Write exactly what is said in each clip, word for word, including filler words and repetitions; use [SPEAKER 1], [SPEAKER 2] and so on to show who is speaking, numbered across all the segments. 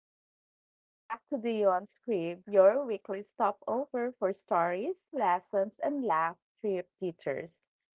[SPEAKER 1] hey, welcome back to Beyond Script, your weekly stopover for stories, lessons, and laugh trip teachers.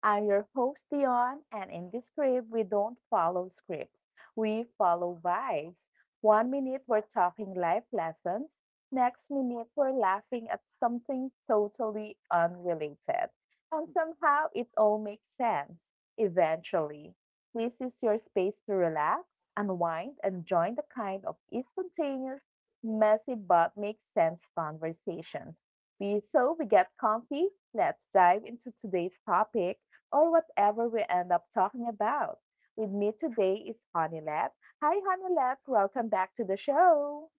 [SPEAKER 1] I'm your host, Dion, and in this script, we don't follow scripts. We follow vibes. One minute, we're talking life lessons. Next minute, we're laughing at something totally unrelated. And somehow, it all makes sense, eventually. This is your space to relax, unwind, and join the kind of spontaneous, messy but makes sense conversations. We, so we get comfy, let's dive into today's topic or whatever we end up talking about. With me today is Honeylet. Hi, Honeylet. Welcome back to the show.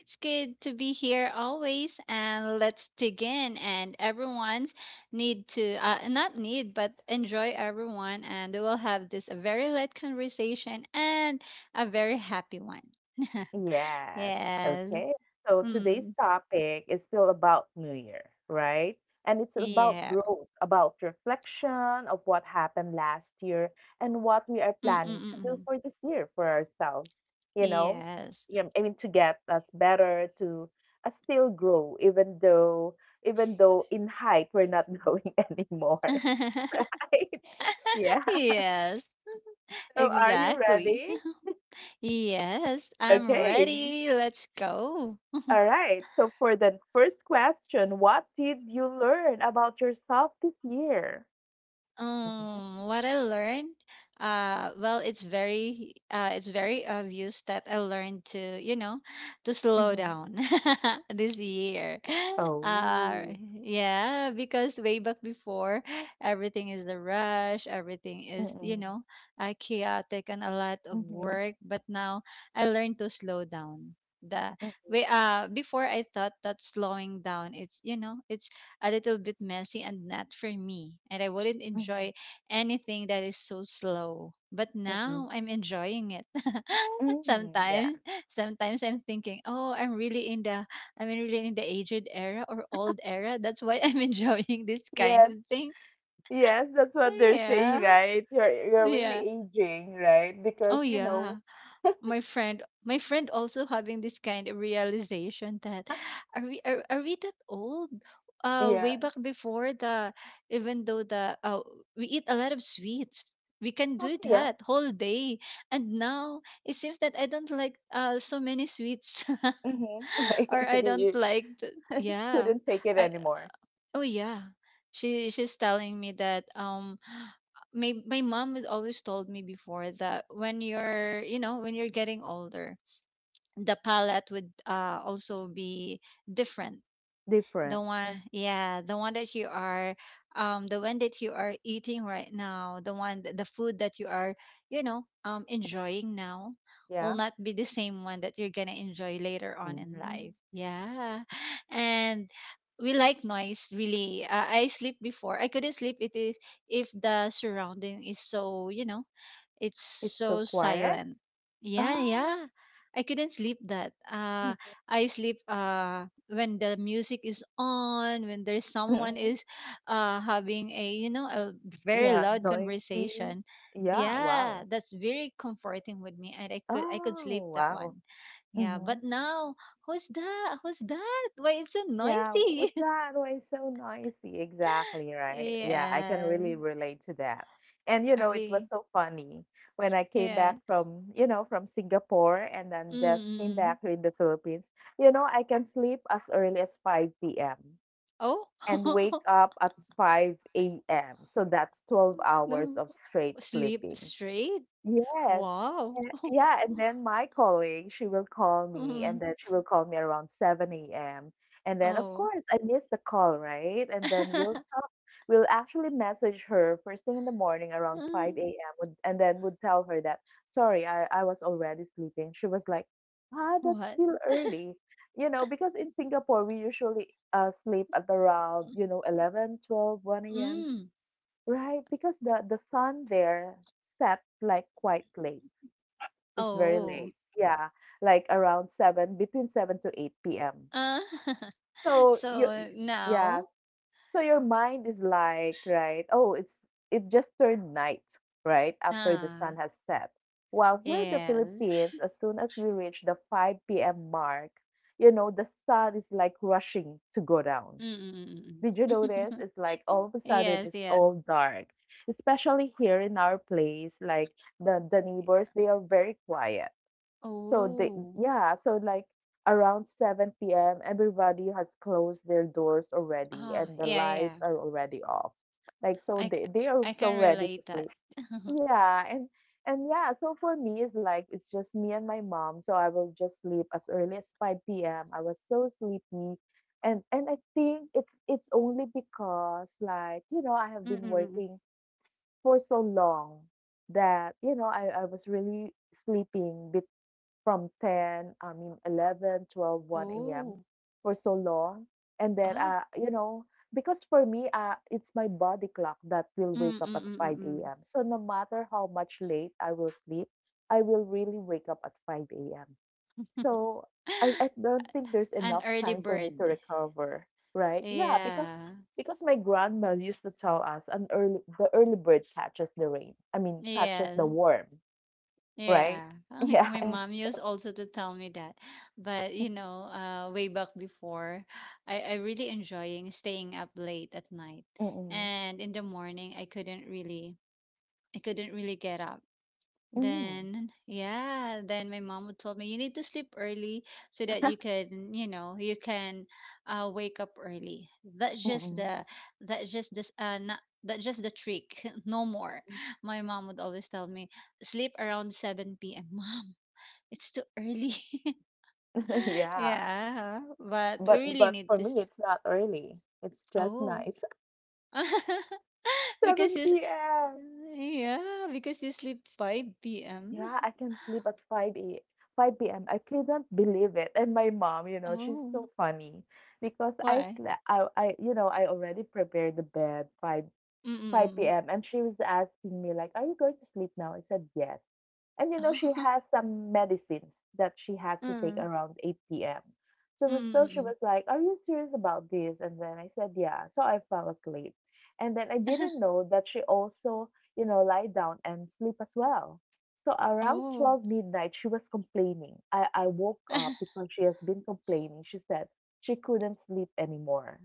[SPEAKER 2] It's good to be here always, and let's dig in. And everyone's need to uh, not need, but enjoy everyone, and we will have this a very light conversation and a very happy one.
[SPEAKER 1] Yes.
[SPEAKER 2] Yes.
[SPEAKER 1] Okay. So today's
[SPEAKER 2] Mm.
[SPEAKER 1] topic is still about New Year, right? And it's about
[SPEAKER 2] Yeah.
[SPEAKER 1] growth, about reflection of what happened last year and what we are planning to do
[SPEAKER 2] Mm-mm-mm.
[SPEAKER 1] for this year for ourselves, you know?
[SPEAKER 2] Yes.
[SPEAKER 1] Yeah, I mean to get us better, to uh, still grow, even though even though in height we're not growing anymore, right? Yeah.
[SPEAKER 2] Yes.
[SPEAKER 1] So are you
[SPEAKER 2] Exactly.
[SPEAKER 1] ready?
[SPEAKER 2] Yes. I'm
[SPEAKER 1] Okay.
[SPEAKER 2] ready. Let's go.
[SPEAKER 1] All right. So for the first question, what did you learn about yourself this year?
[SPEAKER 2] Um, what I learned, uh, well, it's very, uh, it's very obvious that I learned to, you know, to slow
[SPEAKER 1] Mm-hmm.
[SPEAKER 2] down this year. Uh,
[SPEAKER 1] Oh.
[SPEAKER 2] yeah, because way back before, everything is a rush, everything is, you
[SPEAKER 1] Mm-mm.
[SPEAKER 2] know, uh, chaotic and a lot of
[SPEAKER 1] Mm-hmm.
[SPEAKER 2] work. But now I learned to slow down. The
[SPEAKER 1] Mm-hmm.
[SPEAKER 2] way, uh, before I thought that slowing down, it's, you know, it's a little bit messy and not for me. And I wouldn't enjoy anything that is so slow. But
[SPEAKER 1] Mm-hmm.
[SPEAKER 2] now I'm enjoying it.
[SPEAKER 1] Mm-hmm. Yeah.
[SPEAKER 2] Sometimes, sometimes I'm thinking, oh, I'm really in the, I'm really in the aged era or old era. That's why I'm enjoying this kind
[SPEAKER 1] Yes,
[SPEAKER 2] of thing.
[SPEAKER 1] yes, that's what they're
[SPEAKER 2] Yeah,
[SPEAKER 1] saying, right? You're you're really
[SPEAKER 2] yeah.
[SPEAKER 1] aging, right?
[SPEAKER 2] Oh
[SPEAKER 1] Because you
[SPEAKER 2] yeah.
[SPEAKER 1] know,
[SPEAKER 2] my friend my friend also having this kind of realization that are we are, are we that old uh
[SPEAKER 1] yeah,
[SPEAKER 2] way back before the even though the uh, we eat a lot of sweets, we can
[SPEAKER 1] Huh,
[SPEAKER 2] do
[SPEAKER 1] yeah,
[SPEAKER 2] that whole day. And now it seems that I don't like uh so many sweets
[SPEAKER 1] mm-hmm.
[SPEAKER 2] or
[SPEAKER 1] Like
[SPEAKER 2] I don't
[SPEAKER 1] you
[SPEAKER 2] like the,
[SPEAKER 1] you
[SPEAKER 2] yeah.
[SPEAKER 1] couldn't take it
[SPEAKER 2] I
[SPEAKER 1] anymore.
[SPEAKER 2] Oh yeah, she she's telling me that um my my mom has always told me before that when you're, you know, when you're getting older, the palette would uh, also be different.
[SPEAKER 1] Different,
[SPEAKER 2] The one, yeah, the one that you are, um, the one that you are eating right now, the one, th- the food that you are, you know, um, enjoying now
[SPEAKER 1] yeah.
[SPEAKER 2] will not be the same one that you're gonna enjoy later on in
[SPEAKER 1] Mm.
[SPEAKER 2] life. Yeah, and we like noise really. Uh, I sleep before. I couldn't sleep it is if the surrounding is so, you know, it's
[SPEAKER 1] It's so
[SPEAKER 2] so
[SPEAKER 1] quiet.
[SPEAKER 2] silent. Yeah,
[SPEAKER 1] Ah.
[SPEAKER 2] yeah. I couldn't sleep that. Uh I sleep uh when the music is on, when there's someone is uh having a, you know, a very
[SPEAKER 1] Yeah,
[SPEAKER 2] loud
[SPEAKER 1] noisy.
[SPEAKER 2] conversation.
[SPEAKER 1] Yeah,
[SPEAKER 2] Yeah,
[SPEAKER 1] wow.
[SPEAKER 2] that's very comforting with me and I could I could sleep
[SPEAKER 1] Oh,
[SPEAKER 2] that
[SPEAKER 1] wow.
[SPEAKER 2] one. Yeah,
[SPEAKER 1] Hmm.
[SPEAKER 2] but now who's that? Who's that? Why it's so
[SPEAKER 1] Yeah,
[SPEAKER 2] noisy?
[SPEAKER 1] what's that? Why it's so noisy? Exactly, right? Yeah, I can
[SPEAKER 2] Yeah.
[SPEAKER 1] really relate to that. And you
[SPEAKER 2] Are
[SPEAKER 1] know, it was
[SPEAKER 2] we?
[SPEAKER 1] so funny when I came
[SPEAKER 2] Yeah.
[SPEAKER 1] back from, you know, from Singapore and
[SPEAKER 2] Mm.
[SPEAKER 1] then just came
[SPEAKER 2] Mm, mm.
[SPEAKER 1] back here in the Philippines. You know, I can sleep as early as five p m
[SPEAKER 2] Oh.
[SPEAKER 1] and wake up at five a m. So that's twelve hours
[SPEAKER 2] No.
[SPEAKER 1] of straight
[SPEAKER 2] Sleep
[SPEAKER 1] sleeping.
[SPEAKER 2] straight?
[SPEAKER 1] Yes.
[SPEAKER 2] Wow.
[SPEAKER 1] And yeah, and then my colleague, she will call me, and
[SPEAKER 2] Mm.
[SPEAKER 1] then she will call me around seven a m. And then, of
[SPEAKER 2] Oh.
[SPEAKER 1] course, I miss the call, right? And then we'll we'll actually message her first thing in the morning around
[SPEAKER 2] Mm.
[SPEAKER 1] five a m would- and then would tell her that, sorry, I, I was already sleeping. She was like, ah, that's
[SPEAKER 2] What?
[SPEAKER 1] still early. You know, because in Singapore, we usually uh, sleep at around, you know, eleven, twelve, one a m,
[SPEAKER 2] Mm.
[SPEAKER 1] right? Because the, the sun there set like quite late, it's very
[SPEAKER 2] Oh.
[SPEAKER 1] late. Yeah, like around seven, between seven to eight p m.
[SPEAKER 2] Uh,
[SPEAKER 1] So you y-
[SPEAKER 2] so
[SPEAKER 1] yeah,
[SPEAKER 2] now,
[SPEAKER 1] so your mind is like, right, oh, it's it just turned night, right, after the sun
[SPEAKER 2] ah,
[SPEAKER 1] has set. While here in the
[SPEAKER 2] yes.
[SPEAKER 1] Philippines, as soon as we reach the five p m mark, you know, the sun is like rushing to go down.
[SPEAKER 2] Mm mm.
[SPEAKER 1] Did you notice? It's like all of a sudden
[SPEAKER 2] Yes,
[SPEAKER 1] it's
[SPEAKER 2] yes.
[SPEAKER 1] all dark. Especially here in our place, like the, the neighbors, they are very quiet, so they,
[SPEAKER 2] Oh.
[SPEAKER 1] yeah, so like around seven p m, everybody has closed their doors already
[SPEAKER 2] Ah,
[SPEAKER 1] and the
[SPEAKER 2] yeah, yeah.
[SPEAKER 1] lights are already off. Like
[SPEAKER 2] I,
[SPEAKER 1] so
[SPEAKER 2] c-
[SPEAKER 1] they they are
[SPEAKER 2] I
[SPEAKER 1] so
[SPEAKER 2] can
[SPEAKER 1] ready
[SPEAKER 2] relate
[SPEAKER 1] to
[SPEAKER 2] that.
[SPEAKER 1] sleep. Yeah, and and yeah, so for me it's like it's just me and my mom, so I will just sleep as early as five p m. I was so sleepy. And and I think it's it's only because, like, you know, I have
[SPEAKER 2] Mm
[SPEAKER 1] been
[SPEAKER 2] mm.
[SPEAKER 1] working for so long that you know I, I was really sleeping from ten, I mean eleven, twelve, one a m
[SPEAKER 2] Oh.
[SPEAKER 1] for so long. And then,
[SPEAKER 2] Ah.
[SPEAKER 1] uh, you know, because for me, uh, it's my body clock that will wake up at 5
[SPEAKER 2] Mm-mm-mm-mm.
[SPEAKER 1] a.m. So no matter how much late I will sleep, I will really wake up at five a m. So I, I don't think there's
[SPEAKER 2] An
[SPEAKER 1] enough
[SPEAKER 2] early
[SPEAKER 1] time for me to
[SPEAKER 2] bird.
[SPEAKER 1] recover, right? Yeah, because
[SPEAKER 2] Yeah.
[SPEAKER 1] because my grandma used to tell us an early the early bird catches the rain. I mean catches the
[SPEAKER 2] Yes.
[SPEAKER 1] worm, right?
[SPEAKER 2] Yeah.
[SPEAKER 1] Yeah.
[SPEAKER 2] My mom
[SPEAKER 1] So,
[SPEAKER 2] used also to tell me that. But you know, uh way back before, I, I really enjoying staying up late at night.
[SPEAKER 1] Mm-mm.
[SPEAKER 2] And in the morning I couldn't really I couldn't really get up.
[SPEAKER 1] Mm,
[SPEAKER 2] Then, yeah, then my mom would told me you need to sleep early so that you can, you know, you can uh wake up early. That's just
[SPEAKER 1] mm-mm,
[SPEAKER 2] the that's just this uh not that's just the trick. No more.
[SPEAKER 1] mm-mm.
[SPEAKER 2] My mom would always tell me, sleep around seven p m Mom, it's too early.
[SPEAKER 1] Yeah,
[SPEAKER 2] Yeah, but we
[SPEAKER 1] but
[SPEAKER 2] really
[SPEAKER 1] but
[SPEAKER 2] need
[SPEAKER 1] for
[SPEAKER 2] this.
[SPEAKER 1] me, it's not early. It's just
[SPEAKER 2] Oh.
[SPEAKER 1] nice.
[SPEAKER 2] because you, s-
[SPEAKER 1] seven p m.
[SPEAKER 2] Yeah, because you sleep five p m
[SPEAKER 1] Yeah, I can sleep at five a five p m. I couldn't believe it. And my mom, you know, she's
[SPEAKER 2] Oh,
[SPEAKER 1] so funny because I
[SPEAKER 2] why?
[SPEAKER 1] slept. I, I you know I already prepared the bed five 5
[SPEAKER 2] Mm,
[SPEAKER 1] p.m. and she was asking me like, "Are you going to sleep now?" I said yes. And you know, she
[SPEAKER 2] mm.
[SPEAKER 1] has some medicines that she has to take
[SPEAKER 2] Mm.
[SPEAKER 1] around eight p m. So,
[SPEAKER 2] Mm,
[SPEAKER 1] we- so she
[SPEAKER 2] mm.
[SPEAKER 1] was like, "Are you serious about this?" And then I said, "Yeah." So I fell asleep. And then I didn't know that she also, you know, lie down and sleep as well. So around
[SPEAKER 2] Oh.
[SPEAKER 1] twelve midnight, she was complaining. I, I woke up because she has been complaining. She said she couldn't sleep anymore.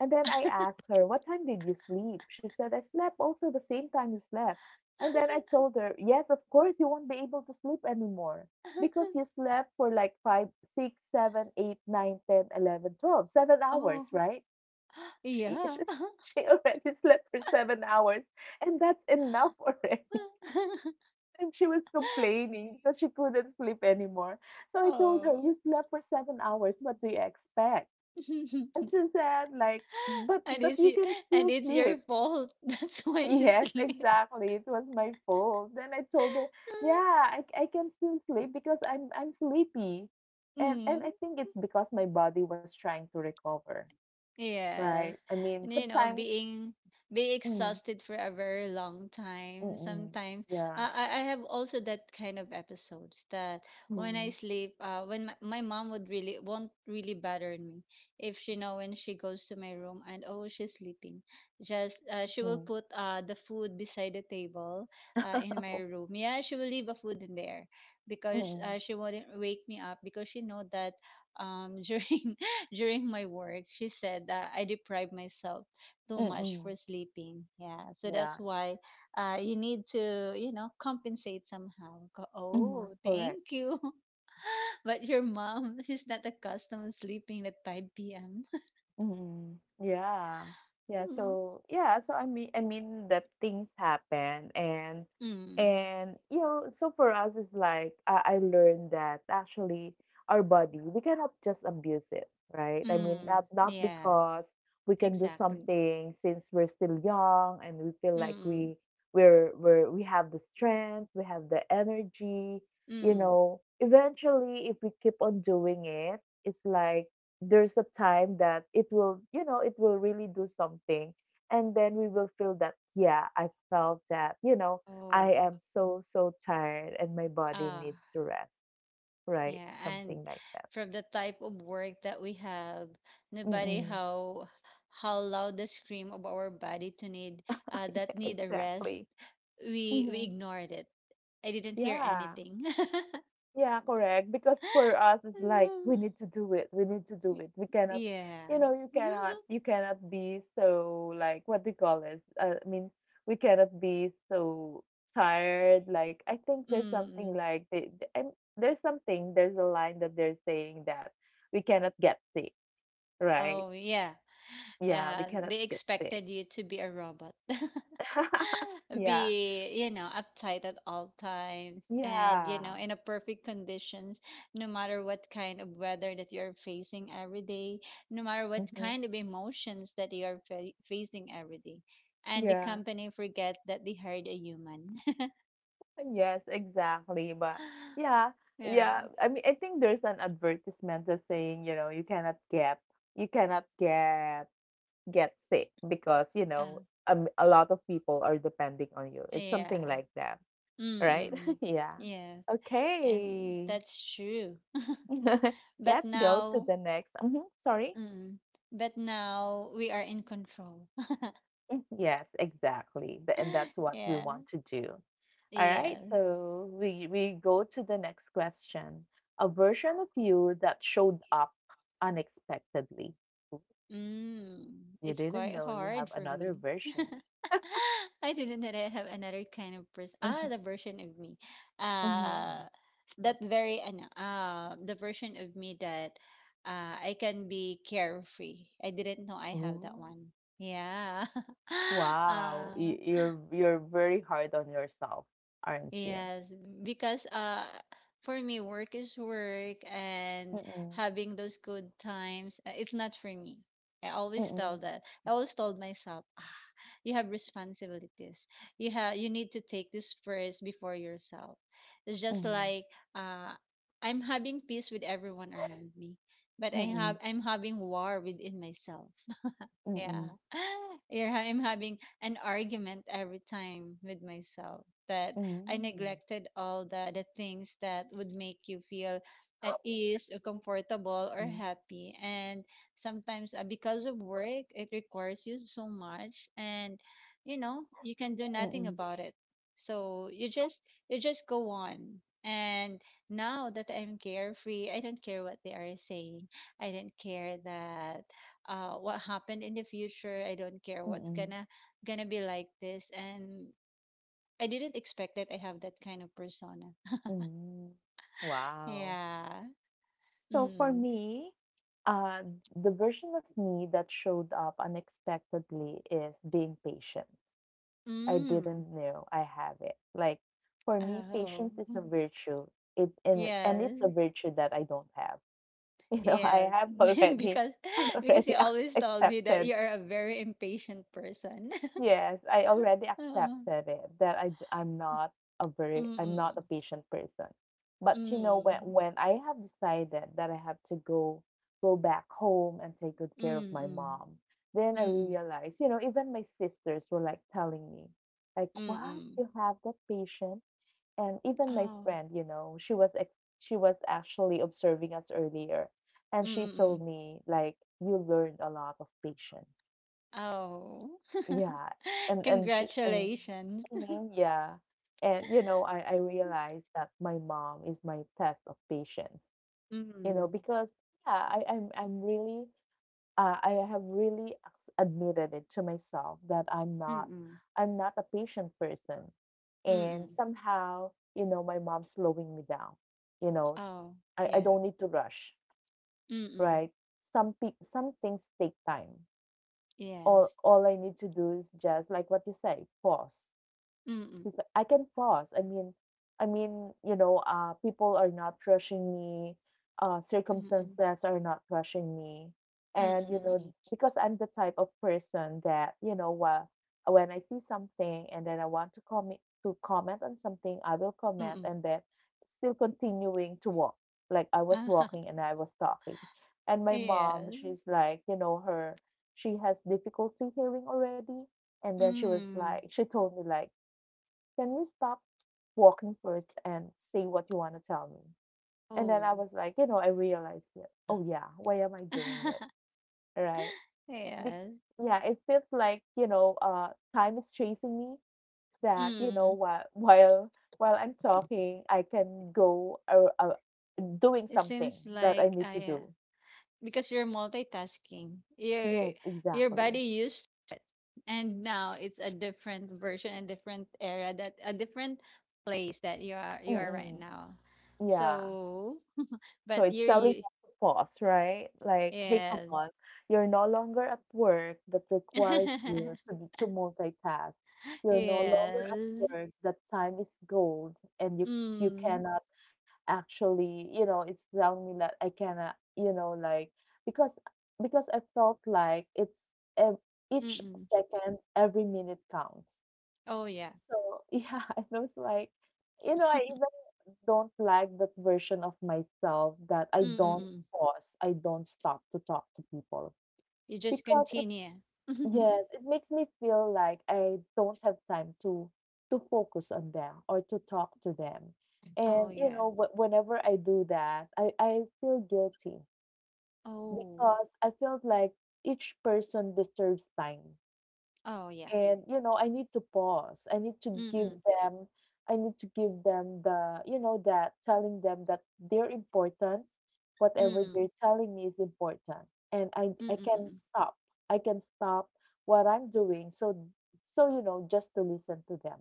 [SPEAKER 1] And then I asked her, "What time did you sleep?" She said, "I slept also the same time you slept." And then I told her, yes, of course, you won't be able to sleep anymore because you slept for like five, six, seven, eight, nine, ten, eleven, twelve, seven
[SPEAKER 2] Oh,
[SPEAKER 1] hours, right? She,
[SPEAKER 2] yeah.
[SPEAKER 1] she, she already slept for seven hours, and that's enough already. And she was complaining that she couldn't sleep anymore. So I told her,
[SPEAKER 2] Oh.
[SPEAKER 1] you slept for seven hours. What do you expect? And she said, like, but
[SPEAKER 2] And
[SPEAKER 1] but
[SPEAKER 2] it's
[SPEAKER 1] you
[SPEAKER 2] y
[SPEAKER 1] can
[SPEAKER 2] and
[SPEAKER 1] still
[SPEAKER 2] it's your
[SPEAKER 1] sleep.
[SPEAKER 2] fault. That's why she's
[SPEAKER 1] Yes,
[SPEAKER 2] slept.
[SPEAKER 1] exactly. It was my fault. Then I told her, "Yeah, I, I can still sleep because I'm I'm sleepy." And and
[SPEAKER 2] Mm.
[SPEAKER 1] I think it's because my body was trying to recover, right?
[SPEAKER 2] Yes.
[SPEAKER 1] I mean,
[SPEAKER 2] And you know,
[SPEAKER 1] sometimes
[SPEAKER 2] being being
[SPEAKER 1] mm,
[SPEAKER 2] exhausted for a very long time
[SPEAKER 1] mm-mm,
[SPEAKER 2] sometimes.
[SPEAKER 1] yeah.
[SPEAKER 2] Uh, I, I have also that kind of episodes that when I
[SPEAKER 1] Mm-mm,
[SPEAKER 2] sleep, uh, when my, my mom would really won't really bother me if she know when she goes to my room and oh she's sleeping. Just uh, she will
[SPEAKER 1] mm-mm,
[SPEAKER 2] put uh, the food beside the table uh, in my room. Yeah, she will leave a food in there because
[SPEAKER 1] mm-mm,
[SPEAKER 2] uh, she wouldn't wake me up because she know that um during during my work, she said that I deprive myself too much for sleeping. Yeah, so that's
[SPEAKER 1] yeah.
[SPEAKER 2] why uh, you need to, you know, compensate somehow. Go,
[SPEAKER 1] Mm-hmm.
[SPEAKER 2] oh,
[SPEAKER 1] Correct.
[SPEAKER 2] thank you. But your mom, she's not accustomed to sleeping at five p m.
[SPEAKER 1] Mhm. Yeah. Yeah,
[SPEAKER 2] Mm,
[SPEAKER 1] so yeah, so I mean I mean that things happen, and
[SPEAKER 2] mm,
[SPEAKER 1] and you know, so for us it's like uh, I learned that actually our body, we cannot just abuse it, right? I mean
[SPEAKER 2] mm.
[SPEAKER 1] not not
[SPEAKER 2] Yeah,
[SPEAKER 1] because we can do
[SPEAKER 2] exactly.
[SPEAKER 1] something since we're still young and we feel like
[SPEAKER 2] Mm,
[SPEAKER 1] we we're we're we have the strength, we have the energy,
[SPEAKER 2] mm,
[SPEAKER 1] you
[SPEAKER 2] mm.
[SPEAKER 1] know, eventually if we keep on doing it, it's like there's a time that it will you know it will really do something, and then we will feel that yeah, I felt that, you know,
[SPEAKER 2] Oh,
[SPEAKER 1] I am so so tired and my body
[SPEAKER 2] ah.
[SPEAKER 1] needs to rest, right?
[SPEAKER 2] Yeah, and
[SPEAKER 1] Something like that.
[SPEAKER 2] from the type of work that we have, no matter
[SPEAKER 1] Mm-mm.
[SPEAKER 2] how how loud the scream of our body to need uh, that
[SPEAKER 1] Yeah,
[SPEAKER 2] need a rest,
[SPEAKER 1] exactly.
[SPEAKER 2] we we
[SPEAKER 1] Hmm.
[SPEAKER 2] ignored it. I didn't hear
[SPEAKER 1] Yeah.
[SPEAKER 2] anything.
[SPEAKER 1] Yeah, correct. Because for us, it's like we need to do it. We need to do it. We cannot,
[SPEAKER 2] Yeah.
[SPEAKER 1] you know, you cannot, you cannot be so like, what do you call this? Uh, I mean, we cannot be so tired. Like I think there's
[SPEAKER 2] Mm
[SPEAKER 1] something
[SPEAKER 2] mm.
[SPEAKER 1] like they, th- and there's something there's a line that they're saying that we cannot get sick, right?
[SPEAKER 2] Oh yeah.
[SPEAKER 1] Yeah, we
[SPEAKER 2] Uh,
[SPEAKER 1] cannot
[SPEAKER 2] they
[SPEAKER 1] get sick.
[SPEAKER 2] expected you to be a robot.
[SPEAKER 1] Yeah,
[SPEAKER 2] Be, you know, uptight at all times and, you
[SPEAKER 1] yeah,
[SPEAKER 2] know, in a perfect conditions no matter what kind of weather that you're facing every day, no matter what
[SPEAKER 1] hmm,
[SPEAKER 2] kind of emotions that you're fa- facing every day, and the
[SPEAKER 1] yeah.
[SPEAKER 2] company forget that they hired a human.
[SPEAKER 1] Yes, exactly. But yeah, yeah.
[SPEAKER 2] Yeah.
[SPEAKER 1] I mean, I think there's an advertisement that's saying, you know, you cannot get, you cannot get, get sick because, you know,
[SPEAKER 2] uh,
[SPEAKER 1] a, m- a lot of people are depending on you. It's
[SPEAKER 2] yeah.
[SPEAKER 1] something like that, right?
[SPEAKER 2] Mm-mm.
[SPEAKER 1] Yeah.
[SPEAKER 2] Yes. And
[SPEAKER 1] Okay.
[SPEAKER 2] that's true. But
[SPEAKER 1] Let's go to
[SPEAKER 2] now,
[SPEAKER 1] the next. Mhm, sorry.
[SPEAKER 2] mm, but now we are in control.
[SPEAKER 1] Mm. Yes, exactly. Th- And that's what we
[SPEAKER 2] Yeah.
[SPEAKER 1] want to do. All
[SPEAKER 2] Yeah.
[SPEAKER 1] right, so we we go to the next question. A version of you that showed up unexpectedly. Ooh.
[SPEAKER 2] Mm,
[SPEAKER 1] You
[SPEAKER 2] it's
[SPEAKER 1] didn't
[SPEAKER 2] quite
[SPEAKER 1] know you
[SPEAKER 2] hard
[SPEAKER 1] have
[SPEAKER 2] for
[SPEAKER 1] another
[SPEAKER 2] me.
[SPEAKER 1] version.
[SPEAKER 2] I didn't know that I have another kind of person. Ah,
[SPEAKER 1] Mhm,
[SPEAKER 2] the version of me. Uh,
[SPEAKER 1] mhm.
[SPEAKER 2] that very, ano, uh, the version of me that uh, I can be carefree. I didn't know I have that
[SPEAKER 1] Ooh.
[SPEAKER 2] one. Yeah.
[SPEAKER 1] Wow,
[SPEAKER 2] uh,
[SPEAKER 1] you, you're you're very hard on yourself, aren't you?
[SPEAKER 2] yes, because uh, for me, work is work and
[SPEAKER 1] Mm-mm,
[SPEAKER 2] having those good times, uh, it's not for me. I always
[SPEAKER 1] mm-mm,
[SPEAKER 2] tell that. I always told myself you have responsibilities, you have, you need to take this first before yourself. It's just like, uh I'm having peace with everyone around me, but i have
[SPEAKER 1] mm-mm,
[SPEAKER 2] I'm having war within myself. Yeah.
[SPEAKER 1] mm-mm,
[SPEAKER 2] Yeah, I'm having an argument every time with myself that I
[SPEAKER 1] mm-mm,
[SPEAKER 2] neglected all the, the things that would make you feel at ease or comfortable or
[SPEAKER 1] mm-mm,
[SPEAKER 2] happy. And sometimes, uh, because of work, it requires you so much and, you know, you can do nothing
[SPEAKER 1] mm-mm,
[SPEAKER 2] about it. So you just you just go on. And now that I'm carefree, I don't care what they are saying. I don't care that uh what happened in the future. I don't care what
[SPEAKER 1] mm-mm,
[SPEAKER 2] gonna gonna be like this. And I didn't expect that I have that kind of persona.
[SPEAKER 1] mm-mm. Wow.
[SPEAKER 2] Yeah.
[SPEAKER 1] So for
[SPEAKER 2] Mm.
[SPEAKER 1] me, uh, the version of me that showed up unexpectedly is being patient. I
[SPEAKER 2] Mm.
[SPEAKER 1] didn't know I have it. Like for me,
[SPEAKER 2] Oh.
[SPEAKER 1] patience is a virtue. It and and it's a
[SPEAKER 2] Yes,
[SPEAKER 1] virtue that I don't have. You know, I
[SPEAKER 2] yes.
[SPEAKER 1] have already,
[SPEAKER 2] because
[SPEAKER 1] I
[SPEAKER 2] because you
[SPEAKER 1] already
[SPEAKER 2] always
[SPEAKER 1] ac-
[SPEAKER 2] told me that
[SPEAKER 1] accepted
[SPEAKER 2] you are a very impatient person.
[SPEAKER 1] Yes, I already
[SPEAKER 2] Oh,
[SPEAKER 1] accepted it that I d- I'm not a very I'm not a
[SPEAKER 2] mm-mm.
[SPEAKER 1] patient person. But you know when
[SPEAKER 2] Mm-mm.
[SPEAKER 1] when I have decided that I have to go go back home and take good care of my
[SPEAKER 2] Mm-mm.
[SPEAKER 1] mom, then I
[SPEAKER 2] Mm-mm.
[SPEAKER 1] realized, you know, even my sisters were like telling me, like, "What?
[SPEAKER 2] Mm-mm.
[SPEAKER 1] You have that patient?" And even my
[SPEAKER 2] Oh.
[SPEAKER 1] friend, you know, she was ex she was actually observing us earlier, and she told
[SPEAKER 2] Mm-mm.
[SPEAKER 1] me like, "You learned a lot of patience."
[SPEAKER 2] Oh.
[SPEAKER 1] Yeah, and and sh and
[SPEAKER 2] Congratulations.
[SPEAKER 1] mhm, yeah. And you know, I I realized that my mom is my test of patience. You know,
[SPEAKER 2] Mm,
[SPEAKER 1] because yeah, I I'm I'm really uh, I have really ac- admitted it to myself that I'm not
[SPEAKER 2] mm,
[SPEAKER 1] I'm not a patient person. And
[SPEAKER 2] mm.
[SPEAKER 1] somehow, you know, my mom's slowing me down. You know,
[SPEAKER 2] Oh,
[SPEAKER 1] I I
[SPEAKER 2] yeah.
[SPEAKER 1] don't need to rush,
[SPEAKER 2] Mm,
[SPEAKER 1] right? Some pe some things take time. All
[SPEAKER 2] yes.
[SPEAKER 1] all I need to do is just like what you say, pause
[SPEAKER 2] Mm, mm,
[SPEAKER 1] because I can pause. I mean, I mean, you know, uh, people are not rushing me, uh,
[SPEAKER 2] mm,
[SPEAKER 1] circumstances are not rushing me, and you know,
[SPEAKER 2] mm,
[SPEAKER 1] because I'm the type of person that, you know what, when I see something and then I want to comment to comment on something, I will comment
[SPEAKER 2] mm.
[SPEAKER 1] and then still continuing to walk. Like I was walking and I was talking, and my mom,
[SPEAKER 2] Yes.
[SPEAKER 1] she's like, you know, her she has difficulty hearing already, and then she was
[SPEAKER 2] Mm.
[SPEAKER 1] like, she told me like, can we stop walking first and say what you want to tell me? And then
[SPEAKER 2] Oh.
[SPEAKER 1] I was like, you know, I realized it. Oh yeah, why am I doing it? Right? Be-
[SPEAKER 2] Yes.
[SPEAKER 1] yeah, it feels like you know, uh, time is chasing me. That you know,
[SPEAKER 2] Mm.
[SPEAKER 1] while while while I'm talking, I can go uh, uh, doing
[SPEAKER 2] It
[SPEAKER 1] something
[SPEAKER 2] seems
[SPEAKER 1] that I
[SPEAKER 2] like
[SPEAKER 1] need to
[SPEAKER 2] I uh,
[SPEAKER 1] do.
[SPEAKER 2] Because you're multitasking. Your
[SPEAKER 1] Yes,
[SPEAKER 2] your
[SPEAKER 1] exactly.
[SPEAKER 2] body used, and now it's a different version, a different era that a different place that you are you are right
[SPEAKER 1] Mm-mm.
[SPEAKER 2] now.
[SPEAKER 1] Yeah.
[SPEAKER 2] So,
[SPEAKER 1] So
[SPEAKER 2] but
[SPEAKER 1] it's
[SPEAKER 2] you're
[SPEAKER 1] telling
[SPEAKER 2] you
[SPEAKER 1] us to pause, right? Like, hey, come
[SPEAKER 2] Yes.
[SPEAKER 1] on, you're no longer at work that requires you to, be- to multitask. You're no longer at
[SPEAKER 2] Yes.
[SPEAKER 1] work that time is gold and you you
[SPEAKER 2] Mm.
[SPEAKER 1] cannot actually, you know, it's telling me that I cannot, you know, like because because I felt like it's ev- each
[SPEAKER 2] Mm-mm.
[SPEAKER 1] second, every minute counts.
[SPEAKER 2] Oh yeah.
[SPEAKER 1] So yeah, I was like, you know, I even don't like that version of myself that I don't
[SPEAKER 2] Mm-mm.
[SPEAKER 1] pause, I don't stop to talk to people
[SPEAKER 2] You just
[SPEAKER 1] because it
[SPEAKER 2] continue.
[SPEAKER 1] yes, it makes me feel like I don't have time to to focus on them or to talk to them.
[SPEAKER 2] Oh
[SPEAKER 1] And you
[SPEAKER 2] yeah.
[SPEAKER 1] know, wh- whenever I do that, I I feel guilty
[SPEAKER 2] Oh.
[SPEAKER 1] because I feel like each person deserves time,
[SPEAKER 2] Oh yeah.
[SPEAKER 1] and you know I need to pause, I need to give
[SPEAKER 2] Mm-mm.
[SPEAKER 1] them I need to give them the, you know that telling them that they're important, whatever
[SPEAKER 2] Mm-mm.
[SPEAKER 1] they're telling me is important, and i i can
[SPEAKER 2] Mm-mm.
[SPEAKER 1] stop i can stop what I'm doing, so so you know just to listen to them.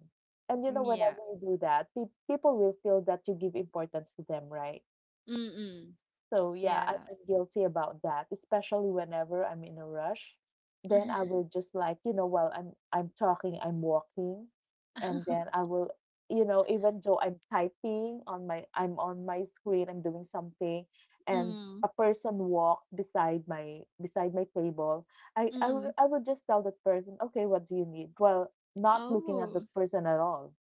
[SPEAKER 1] And you know
[SPEAKER 2] Yeah.
[SPEAKER 1] whenever you do that, pe- people will feel that you give importance to them, right?
[SPEAKER 2] Mm-mm.
[SPEAKER 1] So yeah, I,
[SPEAKER 2] Yeah.
[SPEAKER 1] I'm guilty about that, especially whenever I'm in a rush. Then I will just like, you know, while I'm I'm talking, I'm walking, and then I will, you know, even though I'm typing on my I'm on my screen, I'm doing something, and
[SPEAKER 2] Mm.
[SPEAKER 1] a person walks beside my beside my table, I I will
[SPEAKER 2] Mm.
[SPEAKER 1] I will just tell that person, okay, what do you need? Well, not looking at the
[SPEAKER 2] Oh.
[SPEAKER 1] person at all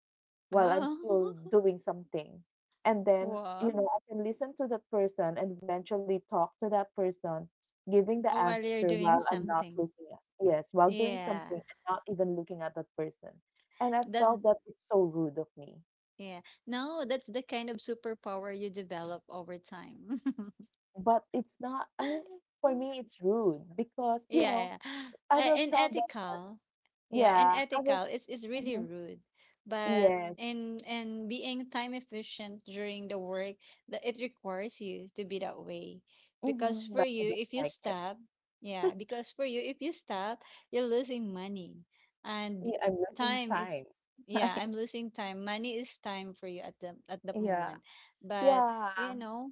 [SPEAKER 1] while I'm
[SPEAKER 2] Oh.
[SPEAKER 1] still doing something. And then, you
[SPEAKER 2] Wow.
[SPEAKER 1] know, I can listen to that person and eventually talk to that person, giving the
[SPEAKER 2] Oh, while
[SPEAKER 1] answer
[SPEAKER 2] you're
[SPEAKER 1] while
[SPEAKER 2] doing
[SPEAKER 1] I'm not looking
[SPEAKER 2] something.
[SPEAKER 1] at, yes, while doing something
[SPEAKER 2] Yeah.
[SPEAKER 1] and not even looking at that person. And I
[SPEAKER 2] That
[SPEAKER 1] felt that it's so rude of me.
[SPEAKER 2] Yeah. No, that's the kind of superpower you develop over time.
[SPEAKER 1] But it's not, I mean, for me, it's rude because, you
[SPEAKER 2] Yeah,
[SPEAKER 1] know,
[SPEAKER 2] yeah.
[SPEAKER 1] I
[SPEAKER 2] Uh,
[SPEAKER 1] will
[SPEAKER 2] and
[SPEAKER 1] tell them,
[SPEAKER 2] ethical. Yeah, and
[SPEAKER 1] yeah, I will,
[SPEAKER 2] ethical is is really
[SPEAKER 1] mhm,
[SPEAKER 2] rude. But
[SPEAKER 1] yes,
[SPEAKER 2] in in being time efficient during the work, that it requires you to be that way. Because
[SPEAKER 1] hmm
[SPEAKER 2] for
[SPEAKER 1] but I
[SPEAKER 2] you,
[SPEAKER 1] don't
[SPEAKER 2] if you
[SPEAKER 1] like it.
[SPEAKER 2] stop, yeah, because for you, if you stop, you're losing money. And
[SPEAKER 1] Yeah, I'm wasting
[SPEAKER 2] time is,
[SPEAKER 1] time.
[SPEAKER 2] yeah, I'm losing time. Money is time for you at the at the
[SPEAKER 1] Yeah,
[SPEAKER 2] moment. But you
[SPEAKER 1] yeah.
[SPEAKER 2] know,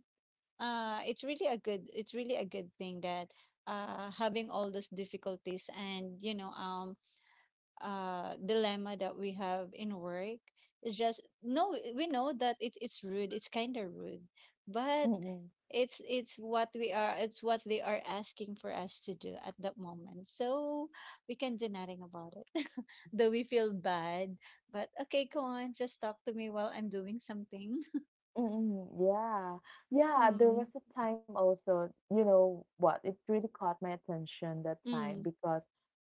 [SPEAKER 2] uh, it's really a good, it's really a good thing that, uh, having all those difficulties and, you know, um uh dilemma that we have in work is just no we know that it, it's rude, it's kind of rude, but
[SPEAKER 1] Mhm.
[SPEAKER 2] it's it's what we are, it's what they are asking for us to do at that moment, so we can do nothing about it. Though we feel bad, but okay, come on, just talk to me while I'm doing something.
[SPEAKER 1] Mm, yeah. Yeah, there
[SPEAKER 2] Mm,
[SPEAKER 1] was a time also, you know what, it really caught my attention that time
[SPEAKER 2] mm,
[SPEAKER 1] because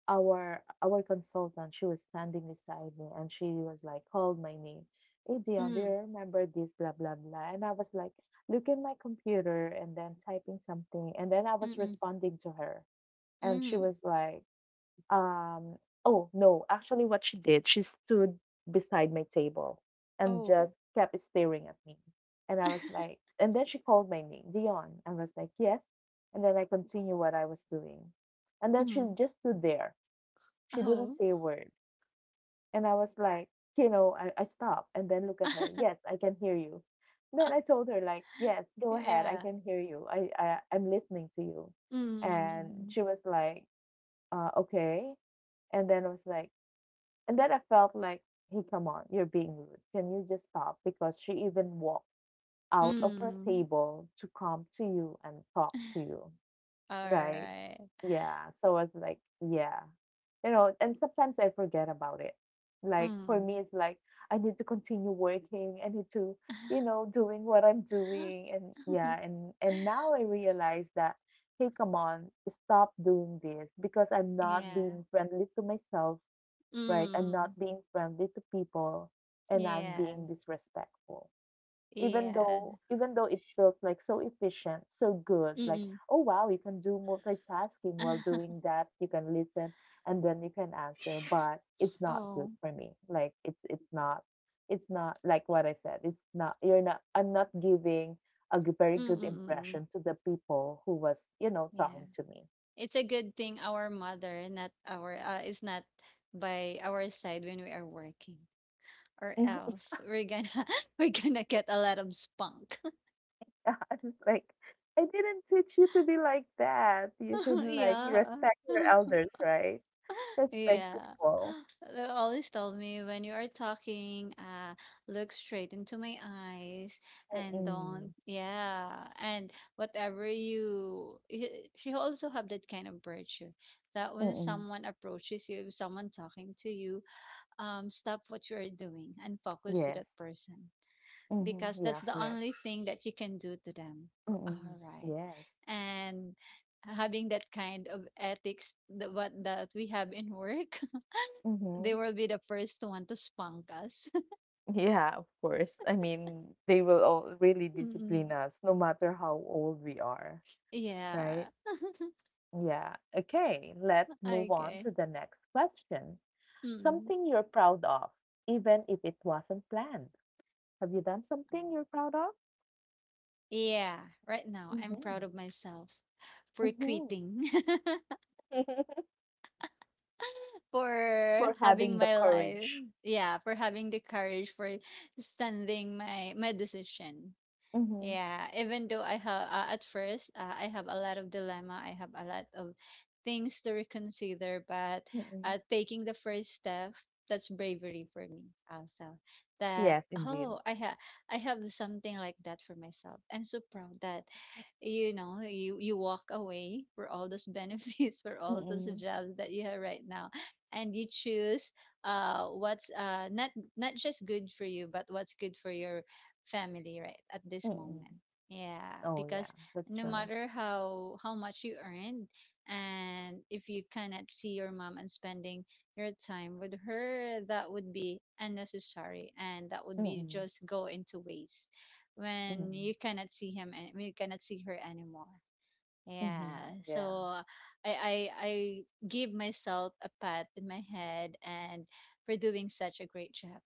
[SPEAKER 1] our our consultant, she was standing beside me and she was like, called my name. Hey
[SPEAKER 2] mm,
[SPEAKER 1] Dion, do you
[SPEAKER 2] mm,
[SPEAKER 1] remember this? Blah blah blah. And I was like, look in my computer and then typing something. And then I was
[SPEAKER 2] mm.
[SPEAKER 1] responding to her. And she
[SPEAKER 2] Mm.
[SPEAKER 1] was like, um, oh, no. Actually, what she did, she stood beside my table and
[SPEAKER 2] Oh.
[SPEAKER 1] just kept staring at me. And I was like, and then she called my name, Dion. I was like, yes. And then I continued what I was doing. And then she
[SPEAKER 2] Mm.
[SPEAKER 1] just stood there. She didn't
[SPEAKER 2] Oh.
[SPEAKER 1] say a word. And I was like, you know, I, I stopped and then look at her. Yes, I can hear you. Then I told her, like, yes, go ahead. I
[SPEAKER 2] Yeah.
[SPEAKER 1] can hear you. I, I I'm listening to you. And
[SPEAKER 2] Mm.
[SPEAKER 1] she was like, uh, okay. And then I was like, and then I felt like, hey, come on, you're being rude. Can you just stop? Because she even walked out of her
[SPEAKER 2] Mm.
[SPEAKER 1] table to come to you and talk to you, right?
[SPEAKER 2] Alright.
[SPEAKER 1] Yeah. So I was like, yeah. You know, and sometimes I forget about it. Like for me,
[SPEAKER 2] Mm.
[SPEAKER 1] it's like I need to continue working. I need to, you know, doing what I'm doing. And yeah, and and now I realize that, hey, come on, stop doing this because I'm not
[SPEAKER 2] Yeah.
[SPEAKER 1] being friendly to myself, right? I'm not
[SPEAKER 2] Mm.
[SPEAKER 1] being friendly to people and I'm being
[SPEAKER 2] Yes.
[SPEAKER 1] disrespectful. Even
[SPEAKER 2] Yes.
[SPEAKER 1] though even though it feels like so efficient, so good, like,
[SPEAKER 2] Mm-mm.
[SPEAKER 1] oh wow, you can do multitasking while doing that, you can listen and then you can answer, but it's not good
[SPEAKER 2] Oh.
[SPEAKER 1] for me. Like, it's it's not it's not like what I said, it's not you're not I'm not giving a g- very good
[SPEAKER 2] Mm-mm.
[SPEAKER 1] impression to the people who was, you know,
[SPEAKER 2] Yeah.
[SPEAKER 1] talking to me.
[SPEAKER 2] It's a good thing our mother, not our, uh, is not by our side when we are working, or
[SPEAKER 1] Mhm.
[SPEAKER 2] else we're gonna we're gonna get a lot of spunk.
[SPEAKER 1] I was like, I didn't teach you to be like that. You should like
[SPEAKER 2] Yeah.
[SPEAKER 1] respect your elders, right? Respect
[SPEAKER 2] Yeah.
[SPEAKER 1] people.
[SPEAKER 2] They always told me when you are talking, uh, look straight into my eyes and
[SPEAKER 1] Mm-mm.
[SPEAKER 2] don't, yeah. And whatever you, y- she also have that kind of virtue that when
[SPEAKER 1] Mm-mm.
[SPEAKER 2] someone approaches you, if someone talking to you, um, stop what you are doing and focus to
[SPEAKER 1] Yes.
[SPEAKER 2] that person because
[SPEAKER 1] Mm-hmm. Yeah,
[SPEAKER 2] that's the
[SPEAKER 1] correct.
[SPEAKER 2] only thing that you can do to them.
[SPEAKER 1] Mm-mm.
[SPEAKER 2] All right.
[SPEAKER 1] Yes.
[SPEAKER 2] And having that kind of ethics that what that we have in work, they
[SPEAKER 1] Mm-hmm.
[SPEAKER 2] will be the first one to spunk us.
[SPEAKER 1] Yeah, of course. I mean, they will all really discipline
[SPEAKER 2] Mm,
[SPEAKER 1] us no matter how old we are, right?
[SPEAKER 2] yeah.
[SPEAKER 1] Yeah. Okay, let's move on
[SPEAKER 2] Okay.
[SPEAKER 1] to the next question.
[SPEAKER 2] Mm.
[SPEAKER 1] Something you're proud of, even if it wasn't planned. Have you done something you're proud of?
[SPEAKER 2] Yeah, right now I'm
[SPEAKER 1] Mm-hmm.
[SPEAKER 2] proud of myself for
[SPEAKER 1] Mm-hmm.
[SPEAKER 2] quitting, for
[SPEAKER 1] For
[SPEAKER 2] having
[SPEAKER 1] having the
[SPEAKER 2] my life.
[SPEAKER 1] courage.
[SPEAKER 2] Yeah, for having the courage for standing my my decision.
[SPEAKER 1] Mm-hmm.
[SPEAKER 2] Yeah, even though I have uh, at first uh, I have a lot of dilemma, I have a lot of things to reconsider, but
[SPEAKER 1] Mm-hmm.
[SPEAKER 2] uh, taking the first step, that's bravery for me also. That
[SPEAKER 1] Yes, indeed.
[SPEAKER 2] oh, I have I have something like that for myself. I'm so proud that you know you you walk away for all those benefits for all those
[SPEAKER 1] Mm-mm.
[SPEAKER 2] jobs that you have right now, and you choose uh what's uh not not just good for you, but what's good for your family right at this
[SPEAKER 1] Mm-mm.
[SPEAKER 2] moment. Yeah,
[SPEAKER 1] Oh, yeah.
[SPEAKER 2] because
[SPEAKER 1] That's
[SPEAKER 2] no
[SPEAKER 1] nice.
[SPEAKER 2] matter how how much you earned, and if you cannot see your mom and spending your time with her, that would be unnecessary and that would be
[SPEAKER 1] Mm-mm.
[SPEAKER 2] just go into waste when
[SPEAKER 1] Mm-mm.
[SPEAKER 2] you cannot see him and when you cannot see her anymore.
[SPEAKER 1] Mm-hmm.
[SPEAKER 2] Yeah, so
[SPEAKER 1] Yeah.
[SPEAKER 2] i i, I give myself a pat in my head and for doing such a great job.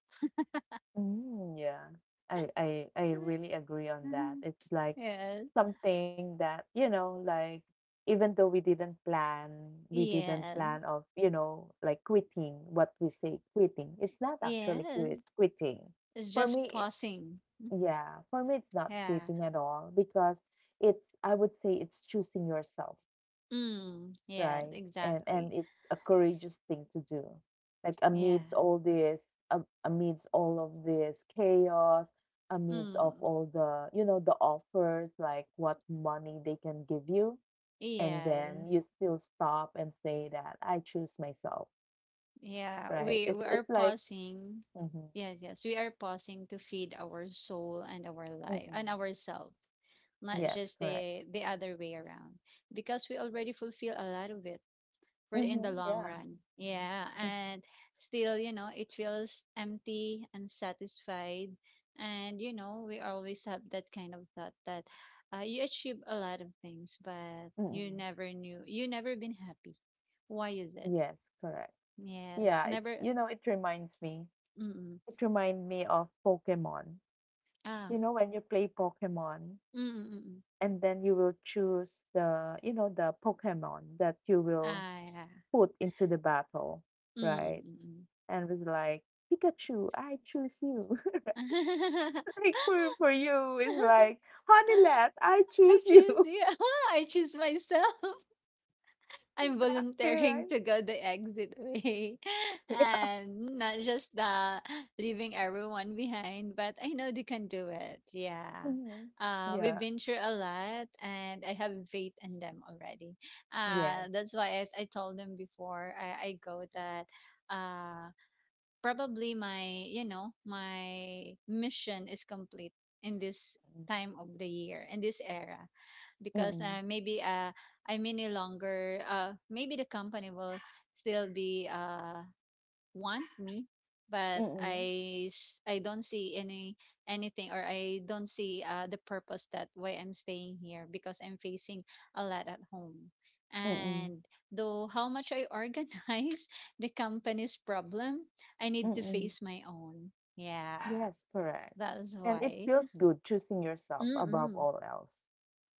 [SPEAKER 1] Mm. Yeah. I, I, I really agree on that. It's like
[SPEAKER 2] Yes,
[SPEAKER 1] something that, you know, like even though we didn't plan, we didn't plan
[SPEAKER 2] yes.
[SPEAKER 1] of, you know, like quitting what we say quitting. It's not actually
[SPEAKER 2] Yes,
[SPEAKER 1] quit, quitting.
[SPEAKER 2] it's
[SPEAKER 1] For
[SPEAKER 2] just
[SPEAKER 1] me,
[SPEAKER 2] pausing.
[SPEAKER 1] yeah, for me, it's not
[SPEAKER 2] Yeah.
[SPEAKER 1] quitting at all because it's, I would say it's choosing yourself,
[SPEAKER 2] Mm. Yes,
[SPEAKER 1] right? And
[SPEAKER 2] exactly.
[SPEAKER 1] and it's a courageous thing to do. Like
[SPEAKER 2] Yeah.
[SPEAKER 1] amidst all this, um, amidst all of this chaos, amidst of
[SPEAKER 2] Mm.
[SPEAKER 1] all the, you know, the offers, like what money they can give you, and then
[SPEAKER 2] Yes.
[SPEAKER 1] you still stop and say that I choose myself,
[SPEAKER 2] Yeah.
[SPEAKER 1] right?
[SPEAKER 2] We
[SPEAKER 1] It's
[SPEAKER 2] we are
[SPEAKER 1] it's like,
[SPEAKER 2] pausing.
[SPEAKER 1] mm-hmm,
[SPEAKER 2] Yes, yes. We are pausing to feed our soul and our life and
[SPEAKER 1] mm-mm,
[SPEAKER 2] ourselves, not
[SPEAKER 1] yes,
[SPEAKER 2] just
[SPEAKER 1] correct.
[SPEAKER 2] the the other way around. Because we already fulfill a lot of it, for in
[SPEAKER 1] Mm-hmm,
[SPEAKER 2] the long
[SPEAKER 1] yeah.
[SPEAKER 2] run. Yeah, and still, you know, it feels empty, unsatisfied, and you know, we always have that kind of thought that uh, you achieve a lot of things, but you
[SPEAKER 1] Mm-mm,
[SPEAKER 2] never knew, you never been happy. Why is it?
[SPEAKER 1] yes, correct.
[SPEAKER 2] Yes,
[SPEAKER 1] Yeah, it,
[SPEAKER 2] never.
[SPEAKER 1] you know, it reminds me.
[SPEAKER 2] Mm-mm.
[SPEAKER 1] It remind me of Pokemon. You
[SPEAKER 2] Ah,
[SPEAKER 1] know, when you play Pokemon
[SPEAKER 2] mm-mm.
[SPEAKER 1] and then you will choose the, you know, the Pokemon that you will
[SPEAKER 2] Ah, yeah.
[SPEAKER 1] put into the battle, right?
[SPEAKER 2] Mm-mm.
[SPEAKER 1] And it's like, Pikachu, I choose you. Like for for you, it's like, Honeylet, I
[SPEAKER 2] I
[SPEAKER 1] choose you.
[SPEAKER 2] choose you. I choose myself. I'm
[SPEAKER 1] Exactly,
[SPEAKER 2] volunteering
[SPEAKER 1] right?
[SPEAKER 2] to go the exit way
[SPEAKER 1] Yeah.
[SPEAKER 2] and not just the leaving everyone behind, but I know they can do it. Yeah.
[SPEAKER 1] Mhm.
[SPEAKER 2] Uh, we've
[SPEAKER 1] Yeah.
[SPEAKER 2] been through a lot and I have faith in them already.
[SPEAKER 1] Yes.
[SPEAKER 2] Uh, that's why I, I told them before I, I go that uh, probably my, you know, my mission is complete in this time of the year, in this era because
[SPEAKER 1] Mm-mm.
[SPEAKER 2] uh, maybe uh, I may no longer uh, maybe the company will still be uh, want me, but
[SPEAKER 1] Mm-mm.
[SPEAKER 2] I s- I don't see any anything, or I don't see uh, the purpose that why I'm staying here because I'm facing a lot at home.
[SPEAKER 1] Mm-mm.
[SPEAKER 2] And though how much I organize the company's problem, I need to
[SPEAKER 1] Mm-mm.
[SPEAKER 2] face my own. Yeah,
[SPEAKER 1] Yes, correct.
[SPEAKER 2] that is
[SPEAKER 1] And it
[SPEAKER 2] why.
[SPEAKER 1] feels good choosing yourself above
[SPEAKER 2] Mm-mm.
[SPEAKER 1] all else,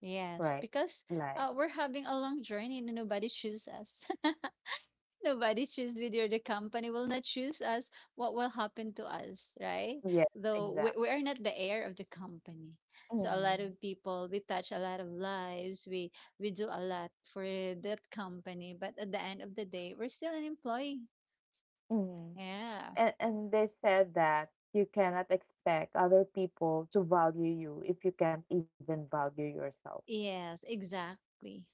[SPEAKER 2] Yes,
[SPEAKER 1] right?
[SPEAKER 2] because
[SPEAKER 1] Like,
[SPEAKER 2] uh, we're having a long journey and nobody choose us. Nobody choose whether the company will not choose us, what will happen to us, right?
[SPEAKER 1] yes,
[SPEAKER 2] Though we, we
[SPEAKER 1] exactly.
[SPEAKER 2] are not the heir of the company. So a lot
[SPEAKER 1] Mm.
[SPEAKER 2] of people, we touch a lot of lives, we we do a lot for that company, but at the end of the day, we're still an employee.
[SPEAKER 1] Mm.
[SPEAKER 2] Yeah.
[SPEAKER 1] And and they said that you cannot expect other people to value you if you can't even value yourself,
[SPEAKER 2] Yes, exactly.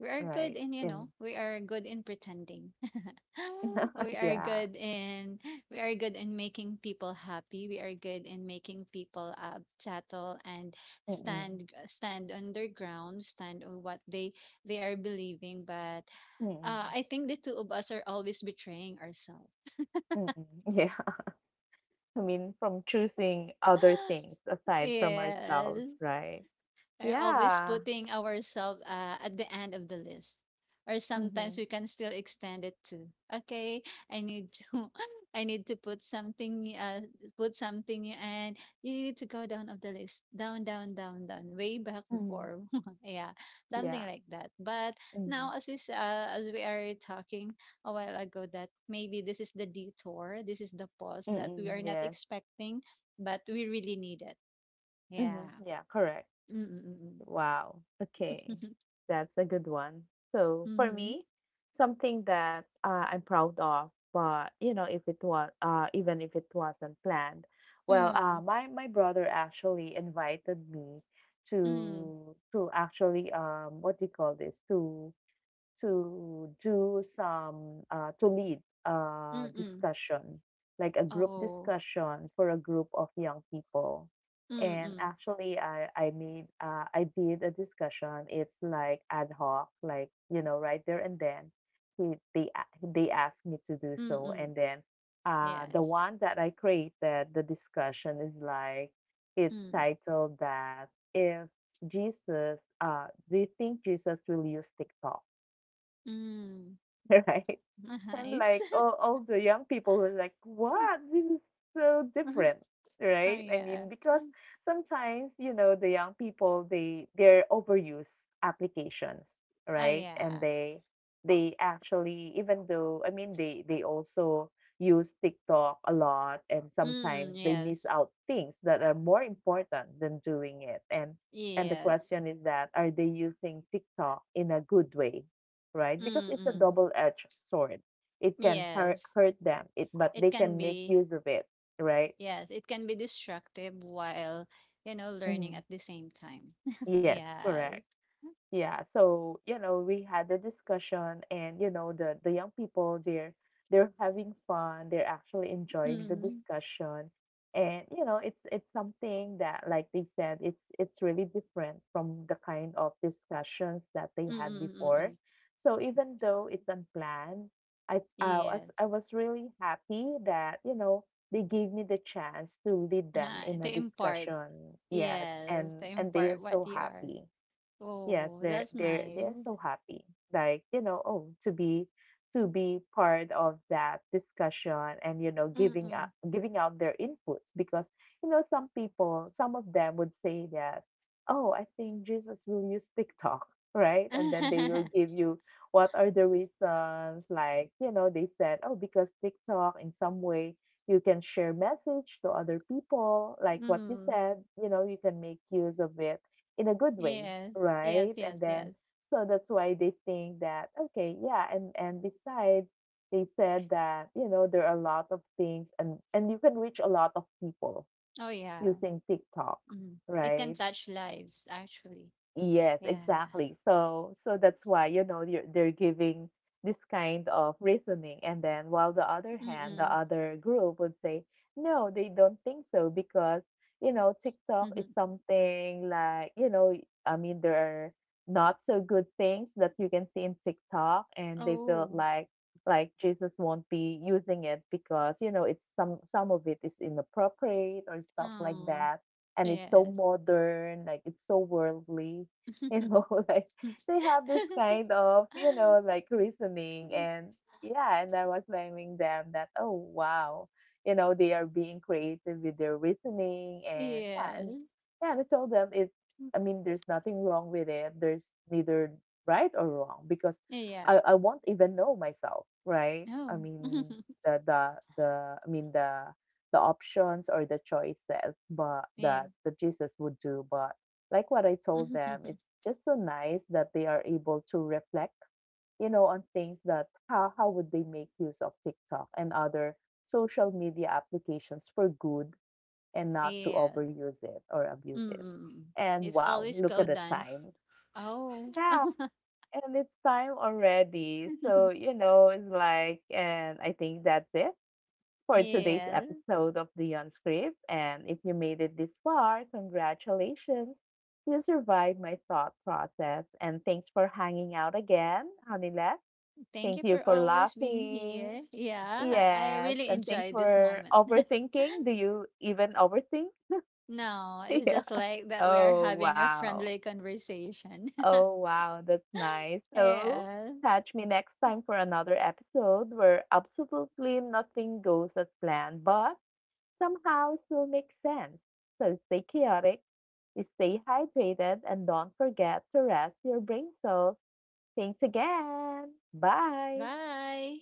[SPEAKER 2] We are good in, you
[SPEAKER 1] And
[SPEAKER 2] know, we are good in pretending. we are
[SPEAKER 1] yeah.
[SPEAKER 2] good in we are good in making people happy. We are good in making people uh, settle and
[SPEAKER 1] Mm-mm.
[SPEAKER 2] stand stand on their ground, stand on what they they are believing. But
[SPEAKER 1] Mm-mm.
[SPEAKER 2] uh, I think the two of us are always betraying ourselves.
[SPEAKER 1] Mm-mm. Yeah. I mean, from choosing other things aside from
[SPEAKER 2] Yes.
[SPEAKER 1] ourselves, right?
[SPEAKER 2] Are always
[SPEAKER 1] Yeah.
[SPEAKER 2] putting ourselves uh, at the end of the list. Or sometimes
[SPEAKER 1] Mm-hmm.
[SPEAKER 2] we can still extend it to, okay, I need to, I need to put something, new- uh, put something, new, and you need to go down of the list, down, down, down, down, way back
[SPEAKER 1] Mm-hmm.
[SPEAKER 2] before, yeah, something
[SPEAKER 1] Yeah.
[SPEAKER 2] like that. But
[SPEAKER 1] Mhm.
[SPEAKER 2] now, as we s- uh, as we are talking a while ago, that maybe this is the detour, this is the pause that we are
[SPEAKER 1] Mm-mm,
[SPEAKER 2] not
[SPEAKER 1] yes.
[SPEAKER 2] expecting, but we really need it.
[SPEAKER 1] Hmm.
[SPEAKER 2] Yeah.
[SPEAKER 1] Yeah, correct.
[SPEAKER 2] Mm-mm-mm.
[SPEAKER 1] Wow. Okay. That's a good one. So for
[SPEAKER 2] Mhm.
[SPEAKER 1] me, something that uh, I'm proud of, but you know, if it was uh, even if it wasn't planned, well, uh,
[SPEAKER 2] Mm.
[SPEAKER 1] my my brother actually invited me
[SPEAKER 2] Mm.
[SPEAKER 1] to to actually, um what do you call this, to to do some, uh, to lead a
[SPEAKER 2] Mm-mm.
[SPEAKER 1] discussion, like a group
[SPEAKER 2] Oh.
[SPEAKER 1] discussion for a group of young people. And
[SPEAKER 2] Mm-mm.
[SPEAKER 1] actually, i i made uh, I did a discussion. It's like ad hoc, like, you know, right there and then he, they a- they asked me to do so.
[SPEAKER 2] Mm-mm.
[SPEAKER 1] And then, uh the
[SPEAKER 2] Yes.
[SPEAKER 1] one that I created the discussion is like, it's
[SPEAKER 2] Mm.
[SPEAKER 1] titled that, if jesus uh do you think Jesus will use TikTok?
[SPEAKER 2] Mm.
[SPEAKER 1] Right. And
[SPEAKER 2] Nice.
[SPEAKER 1] like all, all the young people were like, "What? This is so different."
[SPEAKER 2] Oh
[SPEAKER 1] Right? I
[SPEAKER 2] yeah.
[SPEAKER 1] mean, because sometimes, you know, the young people, they they're overuse applications,
[SPEAKER 2] Oh
[SPEAKER 1] right? And
[SPEAKER 2] yeah.
[SPEAKER 1] they they actually, even though I mean, they they also use TikTok a lot and
[SPEAKER 2] Mm.
[SPEAKER 1] sometimes they
[SPEAKER 2] Yes.
[SPEAKER 1] miss out things that are more important than doing it. And and the
[SPEAKER 2] Yes.
[SPEAKER 1] question is that are they using TikTok in a good way, right? Because it's a
[SPEAKER 2] Mm-mm.
[SPEAKER 1] double-edged sword. It can hurt
[SPEAKER 2] Yes.
[SPEAKER 1] hurt them, it but
[SPEAKER 2] It
[SPEAKER 1] they
[SPEAKER 2] can
[SPEAKER 1] can make
[SPEAKER 2] be.
[SPEAKER 1] use of it, right?
[SPEAKER 2] Yes. It can be destructive while you know learning at
[SPEAKER 1] Mhm.
[SPEAKER 2] the same time.
[SPEAKER 1] Yes,
[SPEAKER 2] Yes.
[SPEAKER 1] correct. Yeah, so, you know, we had a discussion, and you know the the young people, they're they're having fun, they're actually enjoying the
[SPEAKER 2] Mm.
[SPEAKER 1] discussion. And you know, it's it's something that like they said, it's it's really different from the kind of discussions that they
[SPEAKER 2] Mm.
[SPEAKER 1] had
[SPEAKER 2] Mm. Mm.
[SPEAKER 1] before.
[SPEAKER 2] Mm.
[SPEAKER 1] So even though it's unplanned, I I
[SPEAKER 2] Yes.
[SPEAKER 1] was I was really happy that, you know, they gave me the chance to lead them
[SPEAKER 2] Uh,
[SPEAKER 1] in a
[SPEAKER 2] to impart.
[SPEAKER 1] discussion. Yes,
[SPEAKER 2] Yes, to
[SPEAKER 1] and and they are
[SPEAKER 2] impart what
[SPEAKER 1] so
[SPEAKER 2] you are.
[SPEAKER 1] happy. Yes,
[SPEAKER 2] Oh,
[SPEAKER 1] they're
[SPEAKER 2] that's
[SPEAKER 1] they're they're
[SPEAKER 2] nice.
[SPEAKER 1] so happy. Like, you know, oh, to be to be part of that discussion, and you know giving up
[SPEAKER 2] Mm-mm.
[SPEAKER 1] giving out their inputs. Because, you know, some people, some of them would say that, oh, I think Jesus will use TikTok. Right. And then they will give you what are the reasons. Like, you know, they said, oh, because TikTok in some way, you can share message to other people, like what you
[SPEAKER 2] Mm.
[SPEAKER 1] said, you know you can make use of it in a good way,
[SPEAKER 2] Yes, yes,
[SPEAKER 1] right? And
[SPEAKER 2] yes,
[SPEAKER 1] then,
[SPEAKER 2] yes.
[SPEAKER 1] so that's why they think that, okay, yeah, and and besides, they said that, you know, there are a lot of things, and and you can reach a lot of people
[SPEAKER 2] Oh, yeah.
[SPEAKER 1] using TikTok,
[SPEAKER 2] Mm. It can
[SPEAKER 1] right?
[SPEAKER 2] touch lives, actually.
[SPEAKER 1] Yes,
[SPEAKER 2] Yeah.
[SPEAKER 1] exactly. So so that's why, you know, they're they're giving this kind of reasoning. And then while the other hand, the
[SPEAKER 2] Mm-mm.
[SPEAKER 1] other group would say, no, they don't think so because, you know, TikTok is something like, you know, I mean, there are not so good things that you can see in TikTok, and they feel
[SPEAKER 2] Oh.
[SPEAKER 1] like like Jesus won't be using it because, you know, it's some some of it is inappropriate or stuff like
[SPEAKER 2] Oh,
[SPEAKER 1] that, and it's so
[SPEAKER 2] yes.
[SPEAKER 1] modern, like it's so worldly. You know, like they have this kind of, you know, like reasoning. And yeah, and I was telling them that, oh wow, you know, they are being creative with their reasoning. And yeah, and
[SPEAKER 2] Yes.
[SPEAKER 1] yeah, and I told them, it I mean, there's nothing wrong with it. There's neither right or wrong because
[SPEAKER 2] Yeah.
[SPEAKER 1] I, I won't even know myself, right? I
[SPEAKER 2] Oh,
[SPEAKER 1] mean, the the the I mean the the options or the choices, but
[SPEAKER 2] yeah.
[SPEAKER 1] that the Jesus would do. But like what I told them, it's just so nice that they are able to reflect, you know, on things, that how how would they make use of TikTok and other social media applications for good, and not to
[SPEAKER 2] Yes.
[SPEAKER 1] overuse it or abuse it.
[SPEAKER 2] Mm-mm.
[SPEAKER 1] And
[SPEAKER 2] It's
[SPEAKER 1] wow,
[SPEAKER 2] always
[SPEAKER 1] look
[SPEAKER 2] go
[SPEAKER 1] at the
[SPEAKER 2] dance.
[SPEAKER 1] time.
[SPEAKER 2] Oh.
[SPEAKER 1] Yeah, and it's time already, so, you know, it's like, and I think that's it for today's
[SPEAKER 2] Yeah.
[SPEAKER 1] episode of The Unscript. And if you made it this far, congratulations. You survived my thought process. And thanks for hanging out again, Hanila.
[SPEAKER 2] Thank
[SPEAKER 1] Thank
[SPEAKER 2] you
[SPEAKER 1] you
[SPEAKER 2] for
[SPEAKER 1] for
[SPEAKER 2] always being
[SPEAKER 1] laughing.
[SPEAKER 2] here. Yeah, I I
[SPEAKER 1] Yes.
[SPEAKER 2] really
[SPEAKER 1] And thanks
[SPEAKER 2] enjoyed this
[SPEAKER 1] for
[SPEAKER 2] moment.
[SPEAKER 1] overthinking. Do you even overthink?
[SPEAKER 2] No, it's
[SPEAKER 1] Yeah.
[SPEAKER 2] just like that we are
[SPEAKER 1] Oh,
[SPEAKER 2] having a
[SPEAKER 1] wow.
[SPEAKER 2] friendly conversation.
[SPEAKER 1] Oh, wow. That's nice. So,
[SPEAKER 2] Yeah.
[SPEAKER 1] catch me next time for another episode where absolutely nothing goes as planned, but somehow still makes sense. So stay chaotic, stay hydrated, and don't forget to rest your brain cells. Thanks again. Bye.
[SPEAKER 2] Bye.